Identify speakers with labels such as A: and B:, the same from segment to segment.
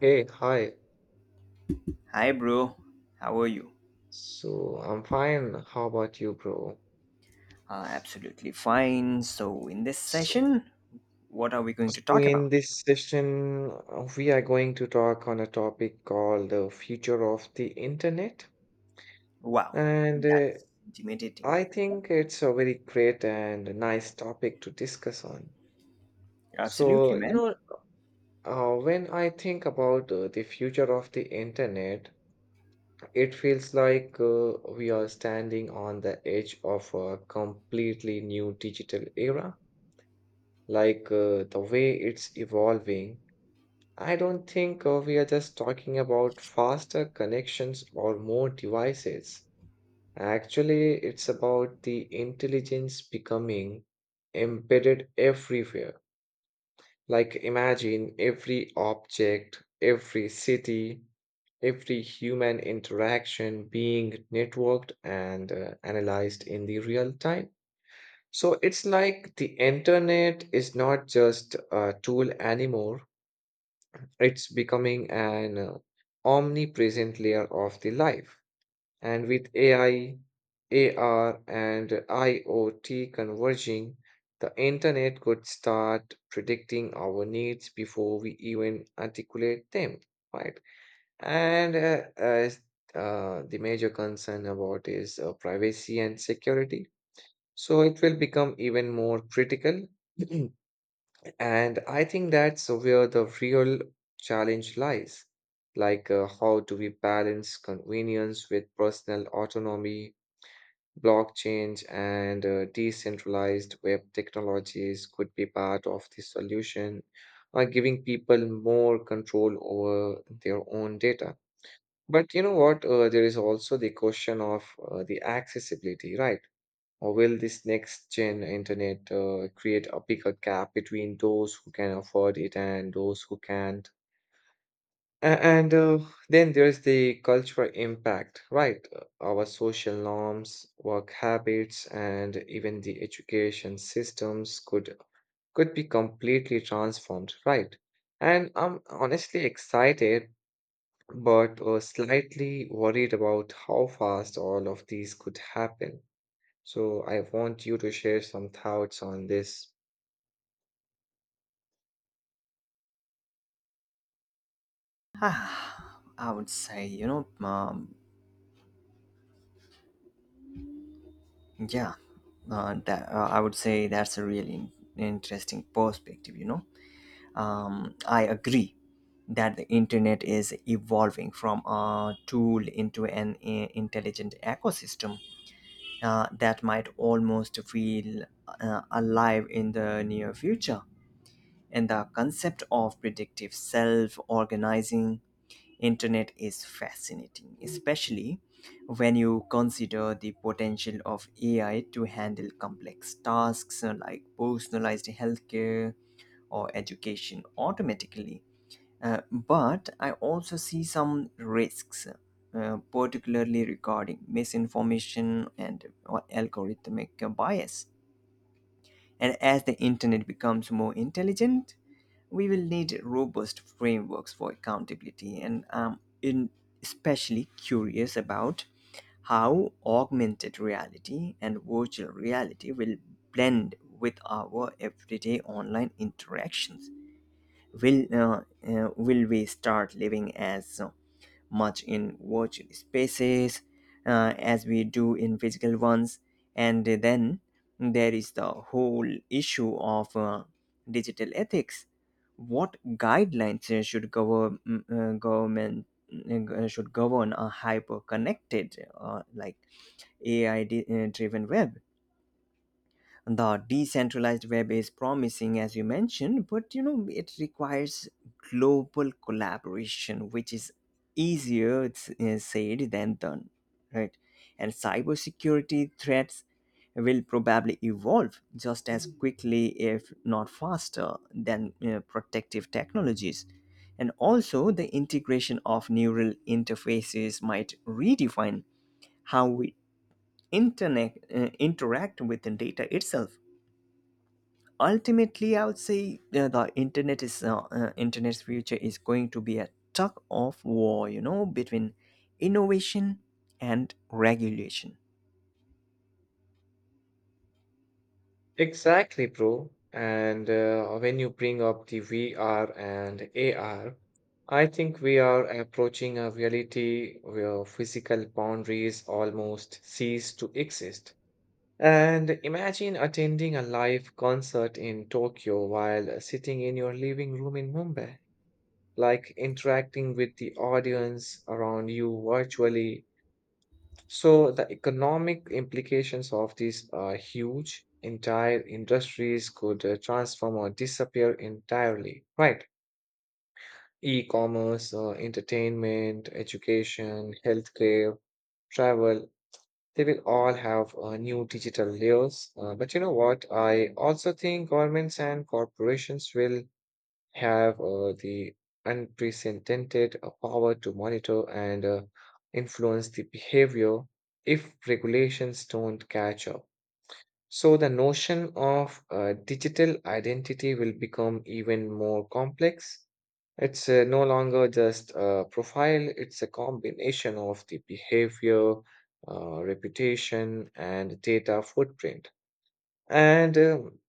A: Hey, hi.
B: Hi, bro. How are you?
A: So I'm fine. How about you, bro?
B: Absolutely fine. So, in this
A: So,
B: session, what are we going to
A: So
B: talk
A: in
B: about?
A: this session, we are going to talk on a topic called the future of the internet.
B: Wow,
A: And
B: that's intimidating.
A: I think it's a very great and nice topic to discuss on. So,
B: Absolutely,
A: you
B: man.
A: know, when I think about the future of the internet, it feels like we are standing on the edge of a completely new digital era like the way it's evolving, I don't think we are just talking about faster connections or more devices. Actually, it's about the intelligence becoming embedded everywhere. Like, imagine every object, every city, every human interaction being networked and analyzed in the real time. So it's like the internet is not just a tool anymore. It's becoming an omnipresent layer of the life. And with AI, AR, and IoT converging, the internet could start predicting our needs before we even articulate them, right? And as the major concern about is privacy and security. So it will become even more critical. And I think that's where the real challenge lies. Like, how do we balance convenience with personal autonomy? Blockchain and decentralized web technologies could be part of the solution, giving people more control over their own data. But you know what? There is also the question of the accessibility, right? Or will this next gen internet create a bigger gap between those who can afford it and those who can't? A- And Then there's the cultural impact, right? Our social norms, work habits, and even the education systems could be completely transformed, right? And I'm honestly excited, but slightly worried about how fast all of these could happen. So I want you to share some thoughts on this.
B: I would say, you know, yeah, that I would say that's a really interesting perspective. I agree that the internet is evolving from a tool into an intelligent ecosystem that might almost feel alive in the near future. And the concept of predictive self organizing internet is fascinating, especially when you consider the potential of AI to handle complex tasks, like personalized healthcare or education automatically. But I also see some risks, particularly regarding misinformation and algorithmic bias. And as the internet becomes more intelligent, we will need robust frameworks for accountability. And I'm in especially curious about how augmented reality and virtual reality will blend with our everyday online interactions. Will we start living as much in virtual spaces as we do in physical ones? And then there is the whole issue of digital ethics. What guidelines should govern mm, government mm, should govern a hyper connected, driven web? The decentralized web is promising, as you mentioned, but you know it requires global collaboration, which is easier, said than done, right? And cybersecurity threats will probably evolve just as quickly, if not faster, than protective technologies. And also the integration of neural interfaces might redefine how we interact with the data itself. Ultimately, I would say the internet is internet's future is going to be a tug of war, you know, between innovation and regulation.
A: Exactly, bro. And when you bring up the VR and AR, I think we are approaching a reality where physical boundaries almost cease to exist. And imagine attending a live concert in Tokyo while sitting in your living room in Mumbai, like interacting with the audience around you virtually. So the economic implications of these are huge. Entire industries could transform or disappear entirely, right? E-commerce, entertainment, education, healthcare, travel, they will all have new digital layers. But you know what? I also think governments and corporations will have the unprecedented power to monitor and influence the behavior if regulations don't catch up. So, the notion of digital identity will become even more complex. It's no longer just a profile, it's a combination of the behavior, reputation, and data footprint. And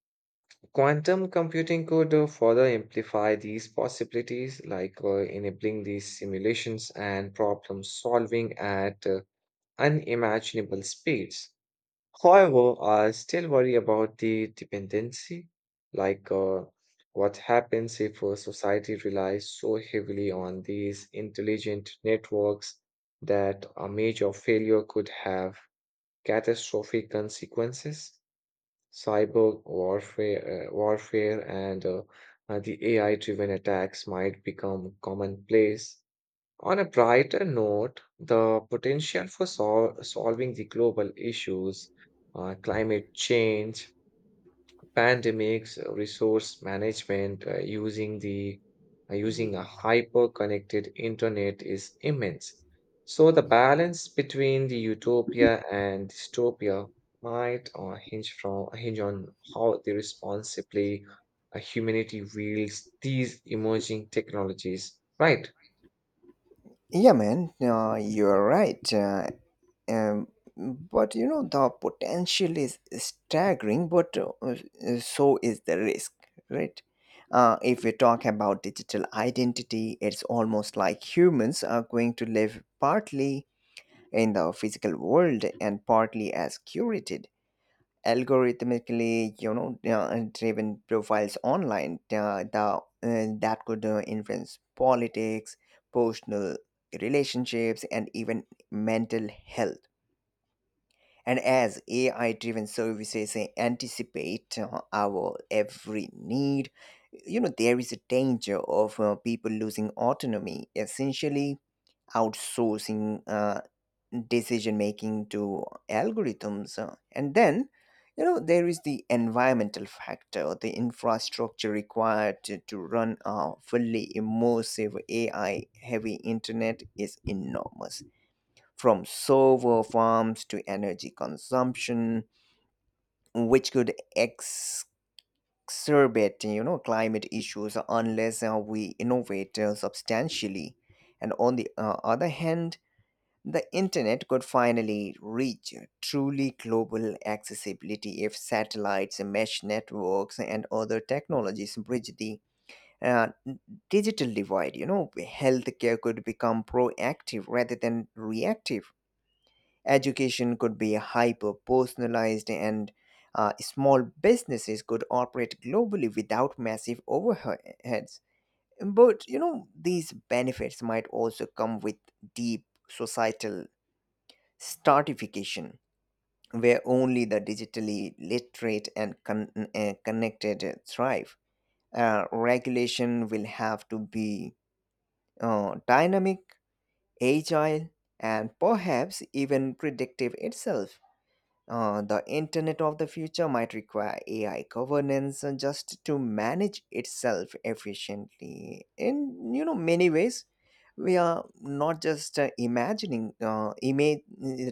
A: Quantum computing could further amplify these possibilities, like enabling these simulations and problem solving at unimaginable speeds. However, I still worry about the dependency, like what happens if society relies so heavily on these intelligent networks that a major failure could have catastrophic consequences. Cyber warfare and the AI-driven attacks might become commonplace. On a brighter note, the potential for solving the global issues, climate change, pandemics, resource management using a hyper-connected internet is immense. So the balance between the utopia and dystopia might hinge on how the responsibly humanity wields these emerging technologies. Right?
B: Yeah, man, you're right. Um, but you know, the potential is staggering, but so is the risk, right? If we talk about digital identity, it's almost like humans are going to live partly in the physical world and partly as curated, algorithmically, you know, driven profiles online. That could influence politics, personal relationships, and even mental health. And as AI driven services anticipate our every need, you know, there is a danger of people losing autonomy, essentially outsourcing decision making to algorithms. And then, you know, there is the environmental factor. The infrastructure required to run a fully immersive AI heavy internet is enormous, from server farms to energy consumption, which could exacerbate, you know, climate issues unless we innovate substantially. And on the other hand, the internet could finally reach truly global accessibility if satellites, mesh networks, and other technologies bridge the uh, digital divide. You know, healthcare could become proactive rather than reactive. Education could be hyper personalized, and small businesses could operate globally without massive overheads. But you know, these benefits might also come with deep societal Startification, where only the digitally literate and connected thrive. Regulation will have to be dynamic, agile, and perhaps even predictive itself. The internet of the future might require AI governance just to manage itself efficiently. In, you know, many ways, we are not just imagining image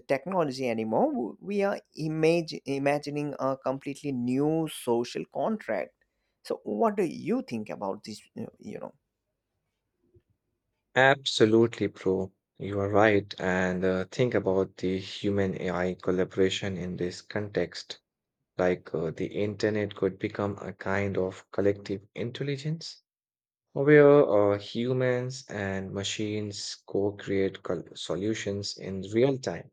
B: technology anymore. We are image imagining a completely new social contract. So, what do you think about this? You know.
A: Absolutely, bro. You are right. And think about the human AI collaboration in this context. Like the internet could become a kind of collective intelligence where humans and machines co create solutions in real time.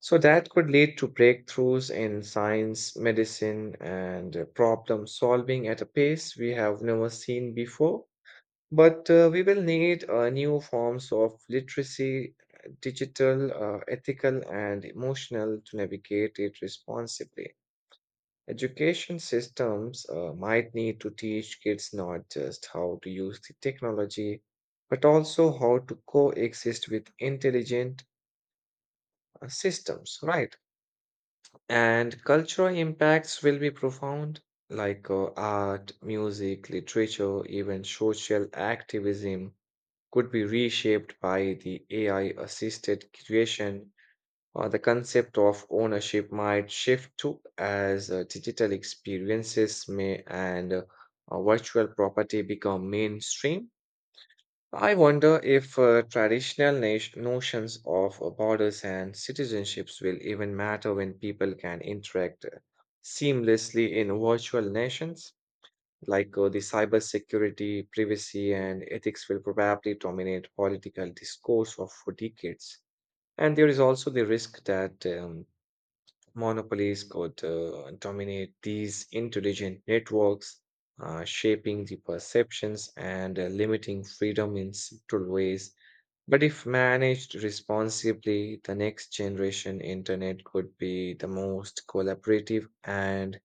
A: So that could lead to breakthroughs in science, medicine, and problem solving at a pace we have never seen before. But we will need new forms of literacy, digital, ethical, and emotional to navigate it responsibly. Education systems might need to teach kids not just how to use the technology, but also how to coexist with intelligent systems, right? And cultural impacts will be profound, like art, music, literature, even social activism could be reshaped by the AI assisted creation. The concept of ownership might shift too, as digital experiences may and virtual property become mainstream. I wonder if notions of borders and citizenships will even matter when people can interact seamlessly in virtual nations. Like the cybersecurity, privacy, and ethics will probably dominate political discourse of for decades. And there is also the risk that monopolies could dominate these intelligent networks, shaping the perceptions and limiting freedom in subtle ways. But if managed responsibly, the next generation internet could be the most collaborative and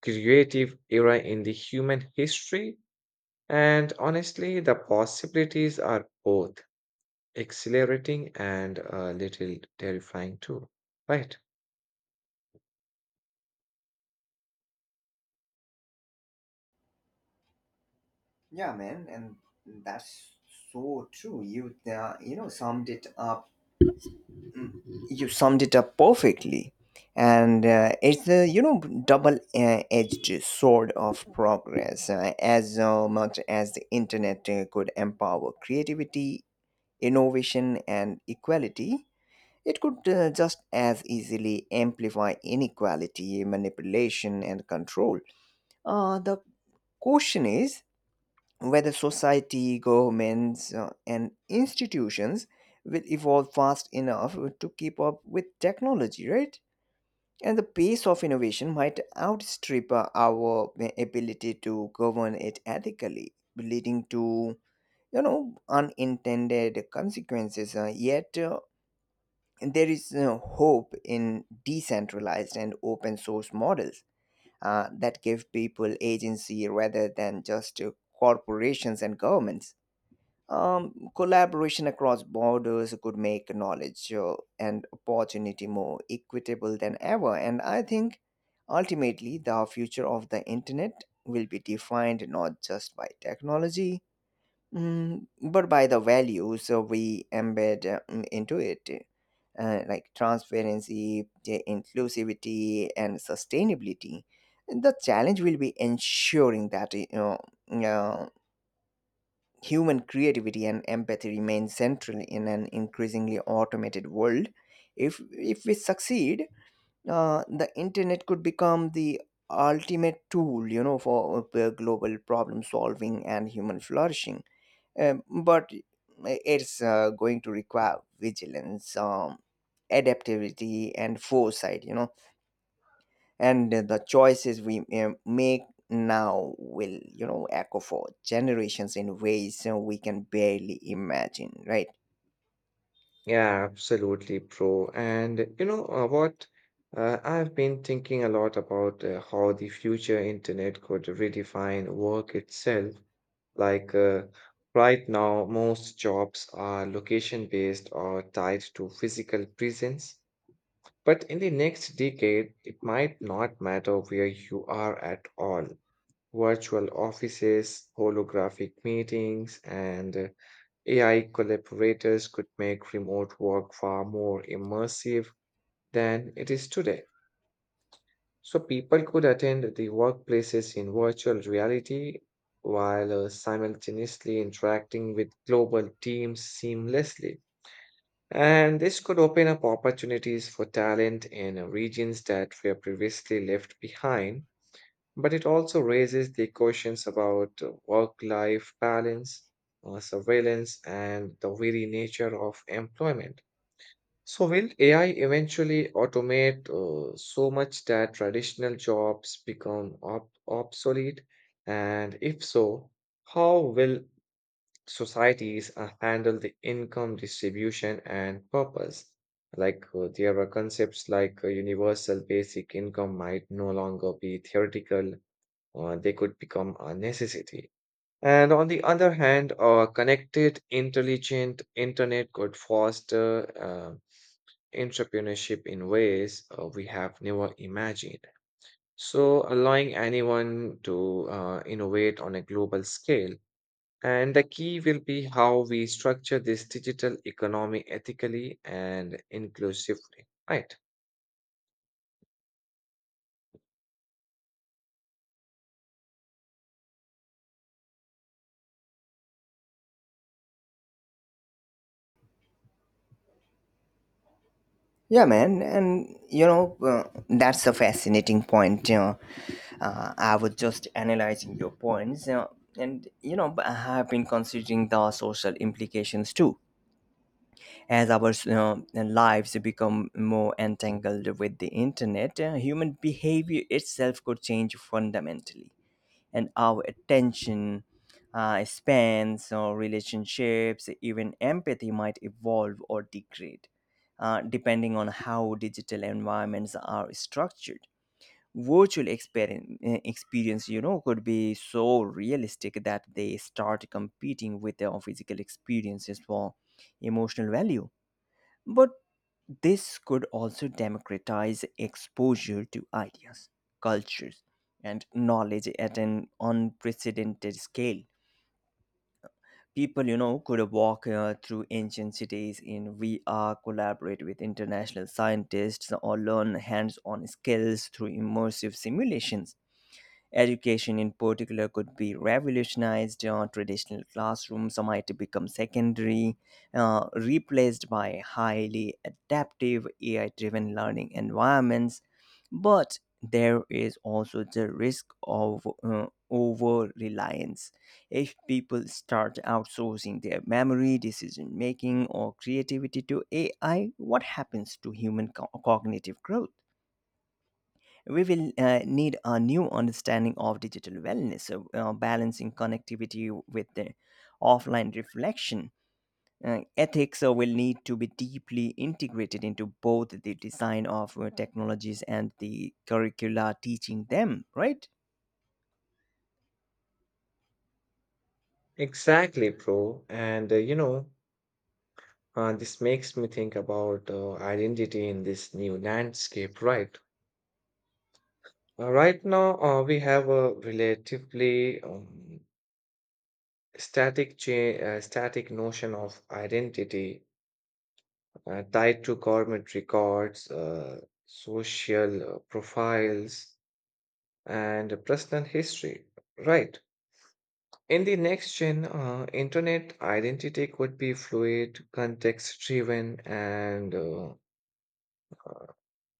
A: creative era in the human history. And honestly, the possibilities are both exhilarating and a little terrifying too, right?
B: Yeah, man, and that's so true. You you know summed it up. Mm-hmm. You summed it up perfectly. And it's the, you know, double edged sword of progress. As much as the internet could empower creativity, innovation, and equality, it could just as easily amplify inequality, manipulation, and control. The question is whether society, governments, and institutions will evolve fast enough to keep up with technology, right? And the pace of innovation might outstrip our ability to govern it ethically, leading to, you know, unintended consequences. Yet there is hope in decentralized and open source models that give people agency rather than just corporations and governments. Collaboration across borders could make knowledge and opportunity more equitable than ever. And I think ultimately the future of the internet will be defined not just by technology, but by the values we embed into it, like transparency, inclusivity, and sustainability. The challenge will be ensuring that, you know, yeah, human creativity and empathy remain central in an increasingly automated world. If we succeed, the internet could become the ultimate tool, you know, for global problem solving and human flourishing. Um, but it's going to require vigilance, adaptability, and foresight, you know. And the choices we make now will, you know, echo for generations in ways you we can barely imagine, right?
A: Yeah, absolutely, bro. And you know what? I've been thinking a lot about how the future internet could redefine work itself. Like right now, most jobs are location-based or tied to physical presence. But in the next decade, it might not matter where you are at all. Virtual offices, holographic meetings, and AI collaborators could make remote work far more immersive than it is today. So people could attend the workplaces in virtual reality while simultaneously interacting with global teams seamlessly. And this could open up opportunities for talent in regions that were previously left behind, but it also raises the questions about work life balance, surveillance, and the very nature of employment. So, will AI eventually automate so much that traditional jobs become obsolete? And if so, how will societies handle the income distribution and purpose. Like there are concepts like universal basic income might no longer be theoretical, or they could become a necessity. And on the other hand, a connected, intelligent internet could foster entrepreneurship in ways we have never imagined. So, allowing anyone to innovate on a global scale. And the key will be how we structure this digital economy ethically and inclusively, right?
B: Yeah, man, and you know, that's a fascinating point, you know. I was just analyzing your points, you know, and you know, but I have been considering the social implications too. As our, you know, lives become more entangled with the internet, human behavior itself could change fundamentally, and our attention spans, or relationships, even empathy, might evolve or degrade depending on how digital environments are structured. Virtual experience, you know, could be so realistic that they start competing with our physical experiences for emotional value. But this could also democratize exposure to ideas, cultures, and knowledge at an unprecedented scale. People, you know, could walk through ancient cities in VR, collaborate with international scientists, or learn hands on skills through immersive simulations. Education, in particular, could be revolutionized. Traditional classrooms might become secondary, replaced by highly adaptive AI driven learning environments. But there is also the risk of over reliance. If people start outsourcing their memory, decision making, or creativity to AI, what happens to human cognitive growth? We will need a new understanding of digital wellness, so, balancing connectivity with the offline reflection. Ethics will need to be deeply integrated into both the design of technologies and the curricula teaching them, right?
A: Exactly, bro. And you know, this makes me think about identity in this new landscape, right? Right now, we have a relatively static notion of identity tied to government records, social profiles, and personal history. Right. In the next gen, internet identity could be fluid, context driven, and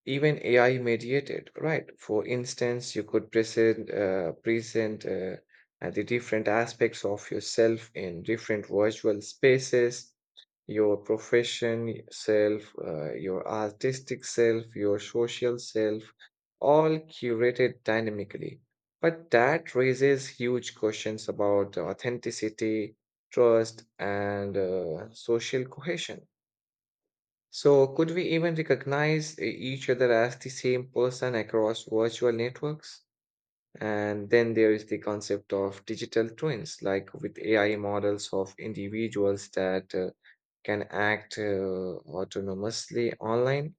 A: even AI mediated, right? For instance, you could present the different aspects of yourself in different virtual spaces, your profession self, your artistic self, your social self, all curated dynamically. But that raises huge questions about authenticity, trust, and social cohesion. So, could we even recognize each other as the same person across virtual networks? And then there is the concept of digital twins, like with AI models of individuals that can act autonomously online.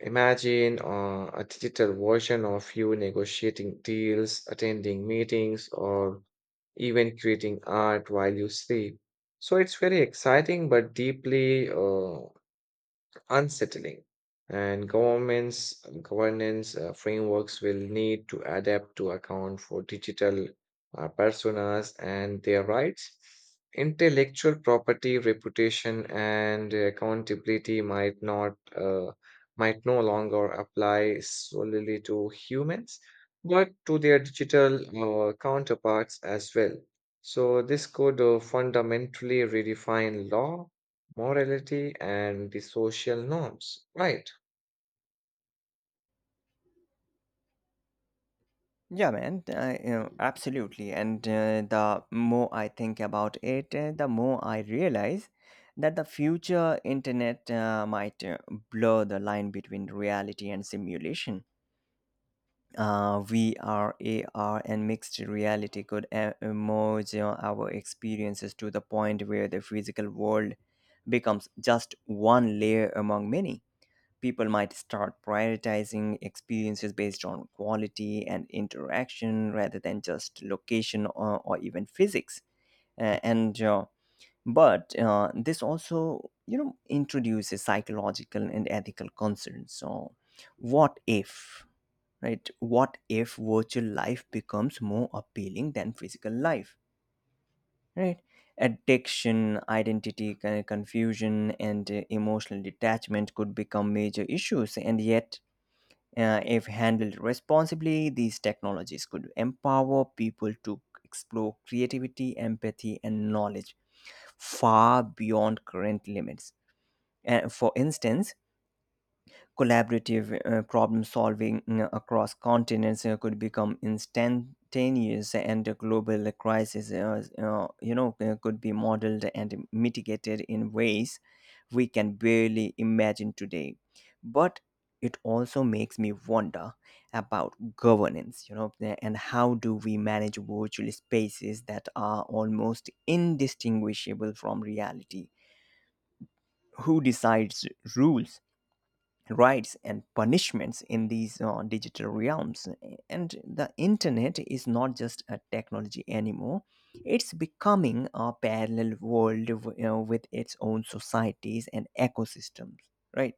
A: Imagine a digital version of you negotiating deals, attending meetings, or even creating art while you sleep. So it's very exciting, but deeply unsettling, and governments governance frameworks will need to adapt to account for digital personas and their rights. Intellectual property, reputation, and accountability might no longer apply solely to humans, but to their digital counterparts as well. So this could fundamentally redefine law, morality, and the social norms. Right.
B: Yeah, man, I, you know, absolutely. And the more I think about it, the more I realize that the future internet might blur the line between reality and simulation. VR AR and mixed reality could merge our experiences to the point where the physical world becomes just one layer among many. People might start prioritizing experiences based on quality and interaction rather than just location, or even physics. And but This also, you know, introduces psychological and ethical concerns. So, what if? Right, what if virtual life becomes more appealing than physical life, right? Addiction, identity confusion, and emotional detachment could become major issues. And yet, if handled responsibly, these technologies could empower people to explore creativity, empathy, and knowledge far beyond current limits. And for instance, collaborative problem solving, across continents, could become instantaneous, and a global crisis you know, could be modeled and mitigated in ways we can barely imagine today. But it also makes me wonder about governance, you know. And how do we manage virtual spaces that are almost indistinguishable from reality? Who decides rules, rights, and punishments in these digital realms? And the internet is not just a technology anymore. It's becoming a parallel world, you know, with its own societies and ecosystems, right?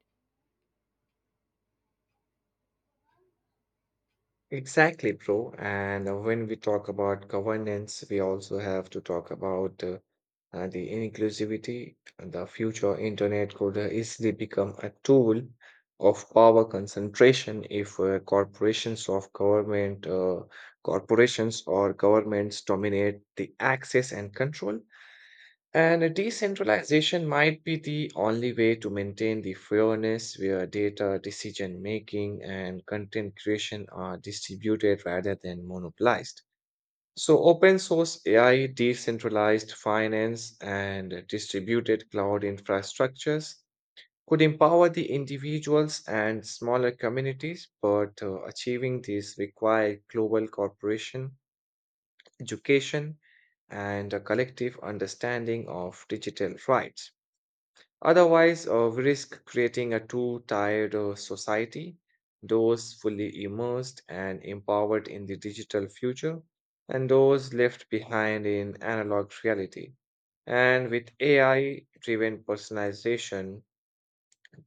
A: Exactly, bro. And when we talk about governance, we also have to talk about the inclusivity. The future internet could easily become a tool of power concentration if corporations or governments dominate the access and control. And decentralization might be the only way to maintain the fairness where data, decision making, and content creation are distributed rather than monopolized. So, open source AI, decentralized finance, and distributed cloud infrastructures could empower the individuals and smaller communities, but achieving this requires global cooperation, education, and a collective understanding of digital rights. Otherwise, we risk creating a too tired society, those fully immersed and empowered in the digital future, and those left behind in analog reality. And with AI driven personalization,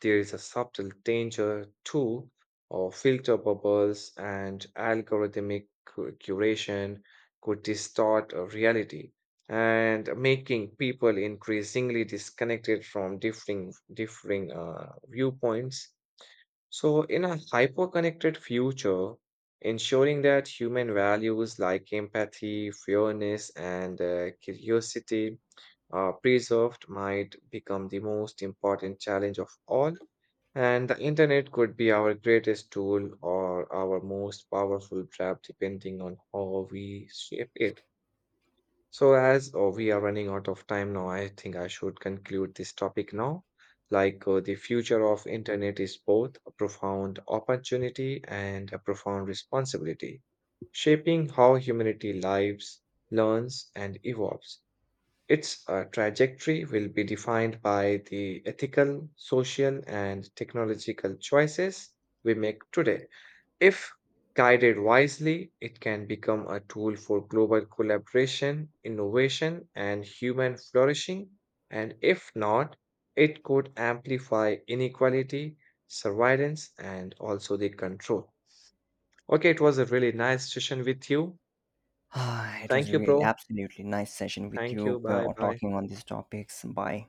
A: there is a subtle danger, too, of filter bubbles and algorithmic curation could distort a reality and making people increasingly disconnected from differing viewpoints. So, in a hyper connected future, ensuring that human values like empathy, fairness, and curiosity are preserved might become the most important challenge of all. And the internet could be our greatest tool or our most powerful trap, depending on how we shape it. So, as we are running out of time now, I think I should conclude this topic now. Like the future of internet is both a profound opportunity and a profound responsibility, shaping how humanity lives, learns, and evolves. Its trajectory will be defined by the ethical, social, and technological choices we make today. If guided wisely, it can become a tool for global collaboration, innovation, and human flourishing. And if not, it could amplify inequality, surveillance, and also the control. Okay, it was a really nice session with you.
B: Ah, it was
A: Thank you,
B: really
A: bro.
B: absolutely nice session with
A: Thank you.
B: you
A: Bye bye.
B: talking on these topics. Bye.